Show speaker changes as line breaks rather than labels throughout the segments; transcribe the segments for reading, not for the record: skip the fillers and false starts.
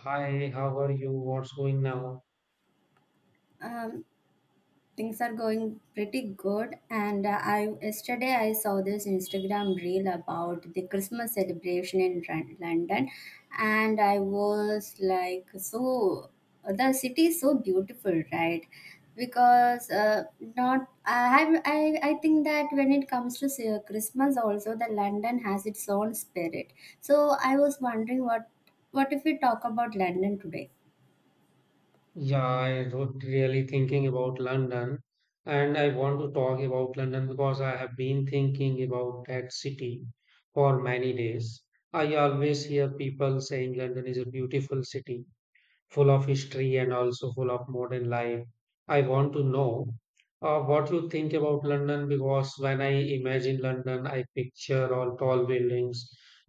Hi, how are you? What's going now?
Um, Things are going pretty good, and I yesterday I saw this Instagram reel about the Christmas celebration in London, and I was like, so the city is so beautiful, right? Because not I have I think that when it comes to say, Christmas also, the London has its own spirit. So I was wondering what if we talk about London today?
Yeah, I was really thinking about London, and I want to talk about London because I have been thinking about that city for many days. I always hear people saying London is a beautiful city, full of history and also full of modern life. I want to know what you think about London because when I imagine London, I picture all tall buildings,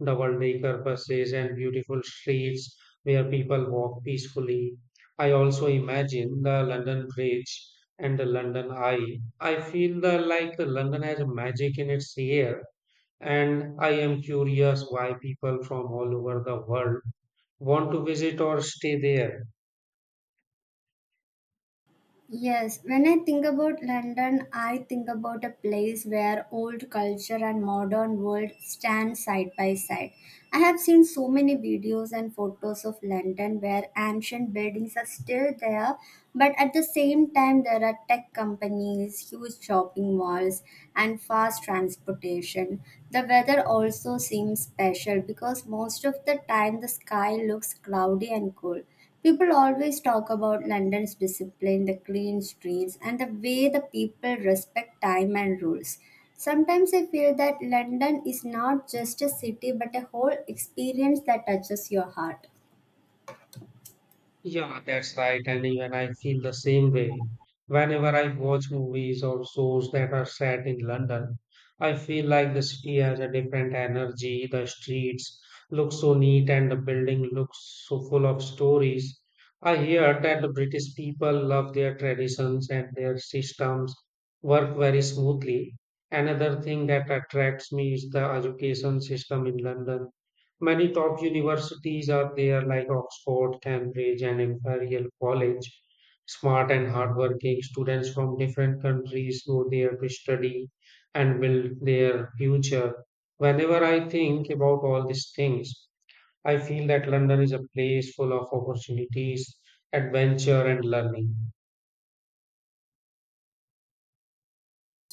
double decker buses, and beautiful streets where people walk peacefully. I also imagine the London Bridge and the London Eye. I feel like the London has a magic in its air, and I am curious why people from all over the world want to visit or stay there.
Yes, when I think about London, I think about a place where old culture and modern world stand side by side. I have seen so many videos and photos of London where ancient buildings are still there, but at the same time, there are tech companies, huge shopping malls, and fast transportation. The weather also seems special because most of the time the sky looks cloudy and cool. People always talk about London's discipline, the clean streets, and the way the people respect time and rules. Sometimes I feel that London is not just a city but a whole experience that touches your heart.
Yeah, that's right, Annie. And even I feel the same way. Whenever I watch movies or shows that are set in London, I feel like the city has a different energy. The streets look so neat and the building looks so full of stories. I hear that the British people love their traditions and their systems work very smoothly. Another thing that attracts me is the education system in London. Many top universities are there, like Oxford, Cambridge, and Imperial College. Smart and hardworking students from different countries go there to study and build their future. Whenever I think about all these things, I feel that London is a place full of opportunities, adventure, and learning.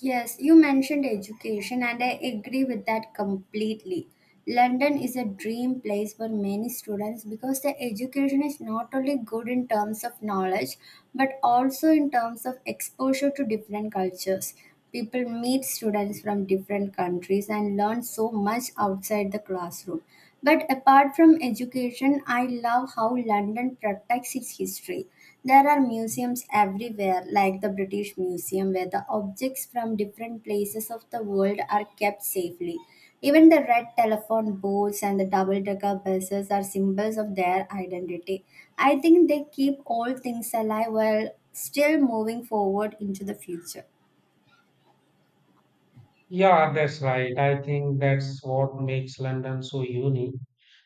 Yes, you mentioned education, and I agree with that completely. London is a dream place for many students because the education is not only good in terms of knowledge but also in terms of exposure to different cultures. People meet students from different countries and learn so much outside the classroom. But apart from education, I love how London protects its history. There are museums everywhere, like the British Museum, where the objects from different places of the world are kept safely. Even the red telephone booths and the double decker buses are symbols of their identity. I think they keep all things alive while still moving forward into the future.
Yeah, that's right. I think that's what makes London so unique.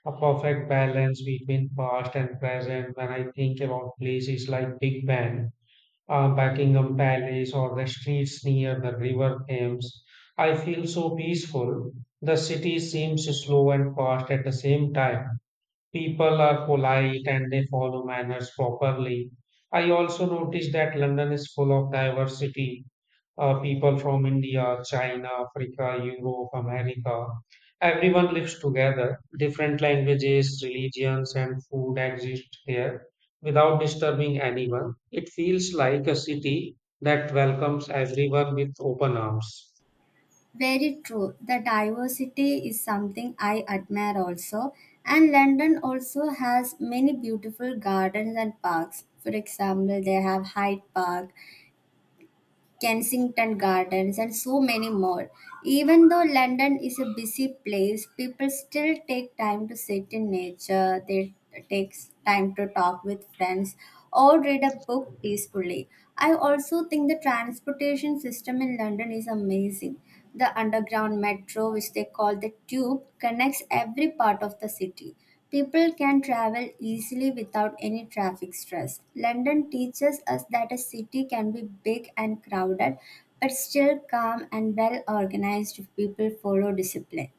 A perfect balance between past and present. When I think about places like Big Ben, Buckingham Palace, or the streets near the River Thames, I feel so peaceful. The city seems slow and fast at the same time. People are polite and they follow manners properly. I also noticed that London is full of diversity, people from India, China, Africa, Europe, America. Everyone lives together. Different languages, religions, and food exist here without disturbing anyone. It feels like a city that welcomes everyone with open arms.
Very true. The diversity is something I admire also. And London also has many beautiful gardens and parks. For example, they have Hyde Park, Kensington Gardens, and so many more. Even though London is a busy place, people still take time to sit in nature. They take time to talk with friends or read a book peacefully. I also think the transportation system in London is amazing. The underground metro, which they call the tube, connects every part of the city. People can travel easily without any traffic stress. London teaches us that a city can be big and crowded, but still calm and well organized if people follow discipline.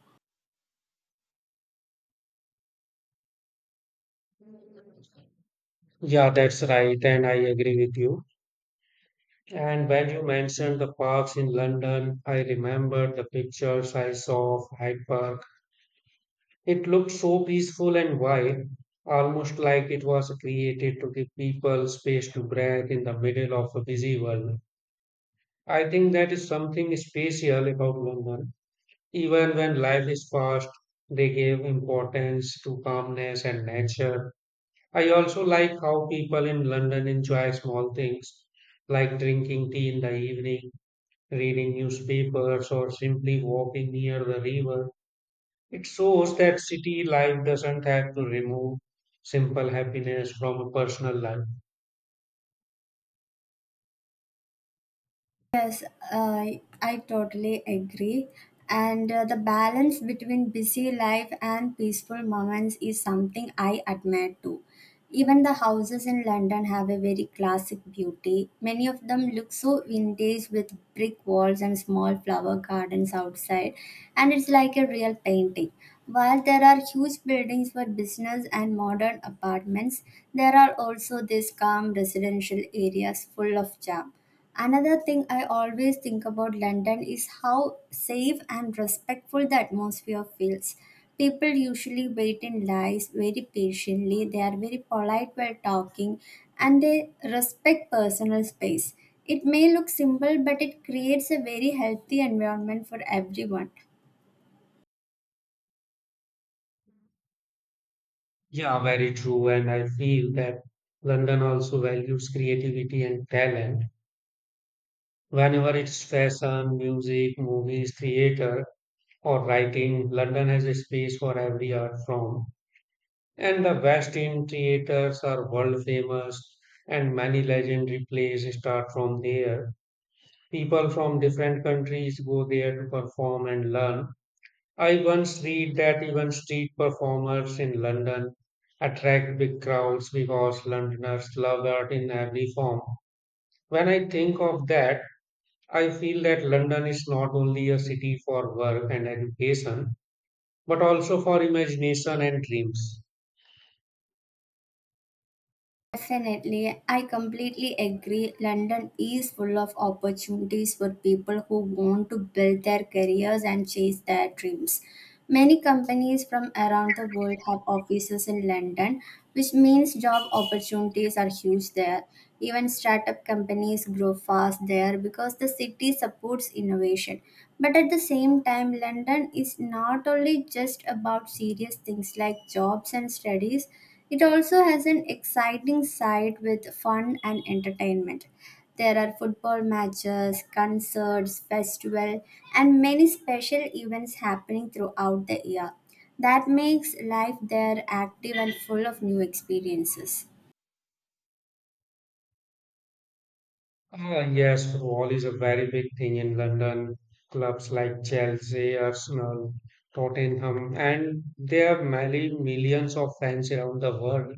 Yeah, that's right, and I agree with you. And when you mentioned the parks in London, I remembered the pictures I saw of Hyde Park. It looked so peaceful and wide, almost like it was created to give people space to breathe in the middle of a busy world. I think that is something special about London. Even when life is fast, they give importance to calmness and nature. I also like how people in London enjoy small things like drinking tea in the evening, reading newspapers, or simply walking near the river. It shows that city life doesn't have to remove simple happiness from a personal life.
Yes, I totally agree. And the balance between busy life and peaceful moments is something I admire too. Even the houses in London have a very classic beauty. Many of them look so vintage with brick walls and small flower gardens outside, and it's like a real painting. While there are huge buildings for business and modern apartments, there are also these calm residential areas full of charm. Another thing I always think about London is how safe and respectful the atmosphere feels. People usually wait in lines very patiently, they are very polite while talking, and they respect personal space. It may look simple, but it creates a very healthy environment for everyone.
Yeah, very true. And I feel that London also values creativity and talent. Whenever it's fashion, music, movies, theater, or writing, London has a space for every art form. And the West End theaters are world famous, and many legendary plays start from there. People from different countries go there to perform and learn. I once read that even street performers in London attract big crowds because Londoners love art in every form. When I think of that, I feel that London is not only a city for work and education, but also for imagination and dreams.
Definitely, I completely agree. London is full of opportunities for people who want to build their careers and chase their dreams. Many companies from around the world have offices in London, which means job opportunities are huge there. Even startup companies grow fast there because the city supports innovation. But at the same time, London is not only just about serious things like jobs and studies. It also has an exciting side with fun and entertainment. There are football matches, concerts, festival, and many special events happening throughout the year. That makes life there active and full of new experiences.
Ah, yes, football is a very big thing in London. Clubs like Chelsea, Arsenal, Tottenham, and there are many millions of fans around the world.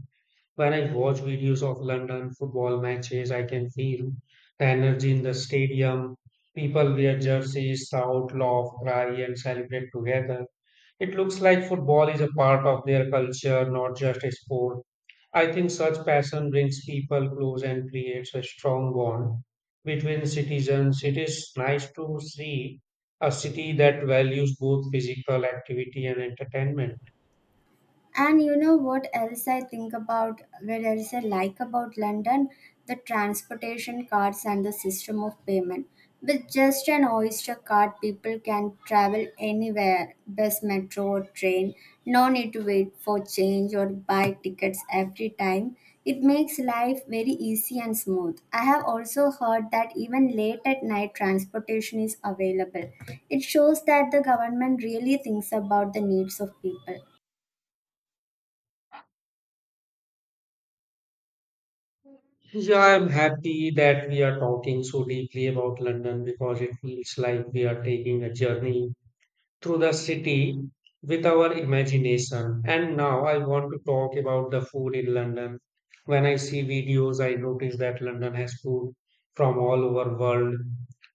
When I watch videos of London football matches, I can feel the energy in the stadium. People wear jerseys, shout, laugh, cry, and celebrate together. It looks like football is a part of their culture, not just a sport. I think such passion brings people close and creates a strong bond between citizens. It is nice to see a city that values both physical activity and entertainment.
And you know what else I think about, what else I like about London? The transportation cards and the system of payment. With just an Oyster card, people can travel anywhere, bus, metro, or train. No need to wait for change or buy tickets every time. It makes life very easy and smooth. I have also heard that even late at night transportation is available. It shows that the government really thinks about the needs of people.
Yeah, I'm happy that we are talking so deeply about London because it feels like we are taking a journey through the city with our imagination. And now I want to talk about the food in London. When I see videos, I notice that London has food from all over world.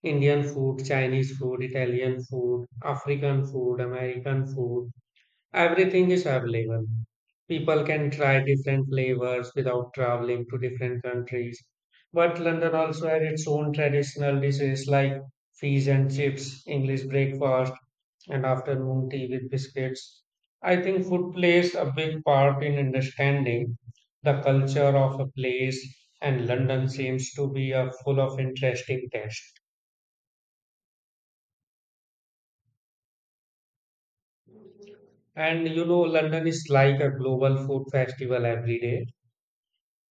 Indian food, Chinese food, Italian food, African food, American food. Everything is available. People can try different flavors without traveling to different countries. But London also had its own traditional dishes like fish and chips, English breakfast, and afternoon tea with biscuits. I think food plays a big part in understanding the culture of a place, and London seems to be a full of interesting taste. And you know, London is like a global food festival every day.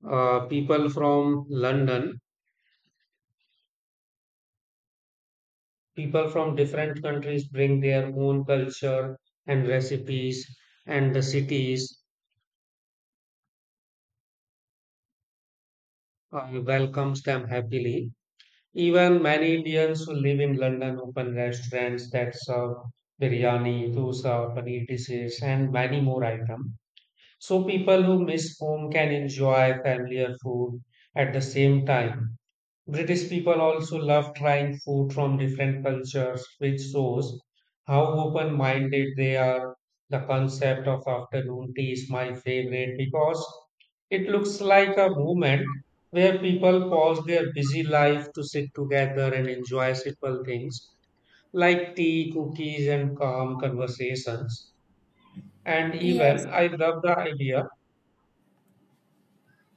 People from London, people from different countries bring their own culture and recipes, and the cities welcomes them happily. Even many Indians who live in London open restaurants that serve biryani, dosa, paneer dishes, and many more items. So people who miss home can enjoy familiar food at the same time. British people also love trying food from different cultures, which shows how open minded they are. The concept of afternoon tea is my favorite because it looks like a moment where people pause their busy life to sit together and enjoy simple things like tea, cookies, and calm conversations. And
Yes,
even I love the idea.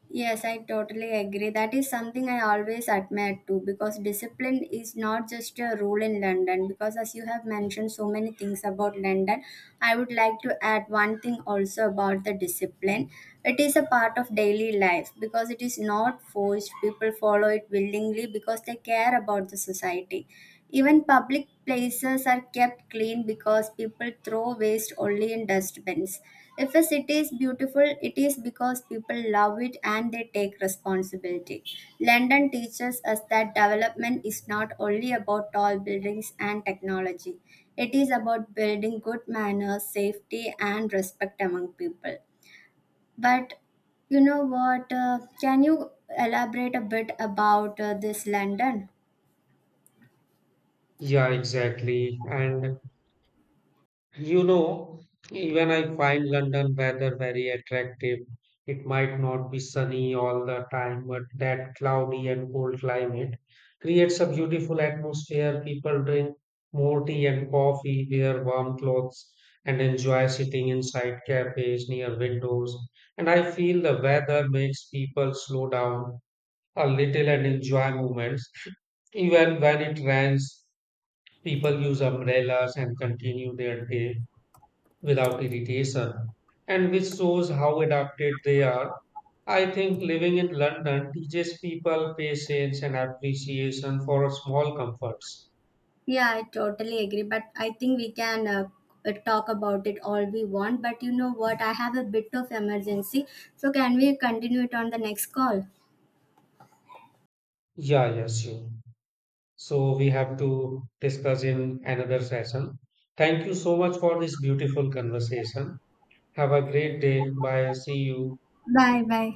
yes, I totally agree. That is something I always admire too because discipline is not just a rule in London. Because as you have mentioned so many things about London, I would like to add one thing also about the discipline. It is a part of daily life because it is not forced. People follow it willingly because they care about the society. Even public places are kept clean because people throw waste only in dustbins. If a city is beautiful, it is because people love it and they take responsibility. London teaches us that development is not only about tall buildings and technology, it is about building good manners, safety, and respect among people. But you know what? Can you elaborate a bit about this London?
Yeah, exactly. And you know, even I find London weather very attractive. It might not be sunny all the time, but that cloudy and cold climate creates a beautiful atmosphere. People drink more tea and coffee, wear warm clothes, and enjoy sitting inside cafes near windows. And I feel the weather makes people slow down a little and enjoy moments. Even when it rains, people use umbrellas and continue their day without irritation, and which shows how adapted they are. I think living in London teaches people patience and appreciation for small comforts.
Yeah, I totally agree. But I think we can talk about it all we want. But you know what? I have a bit of emergency. So can we continue it on the next call?
Yeah, yes, you. So we have to discuss in another session. Thank you so much for this beautiful conversation. Have a great day. Bye. See you.
Bye bye.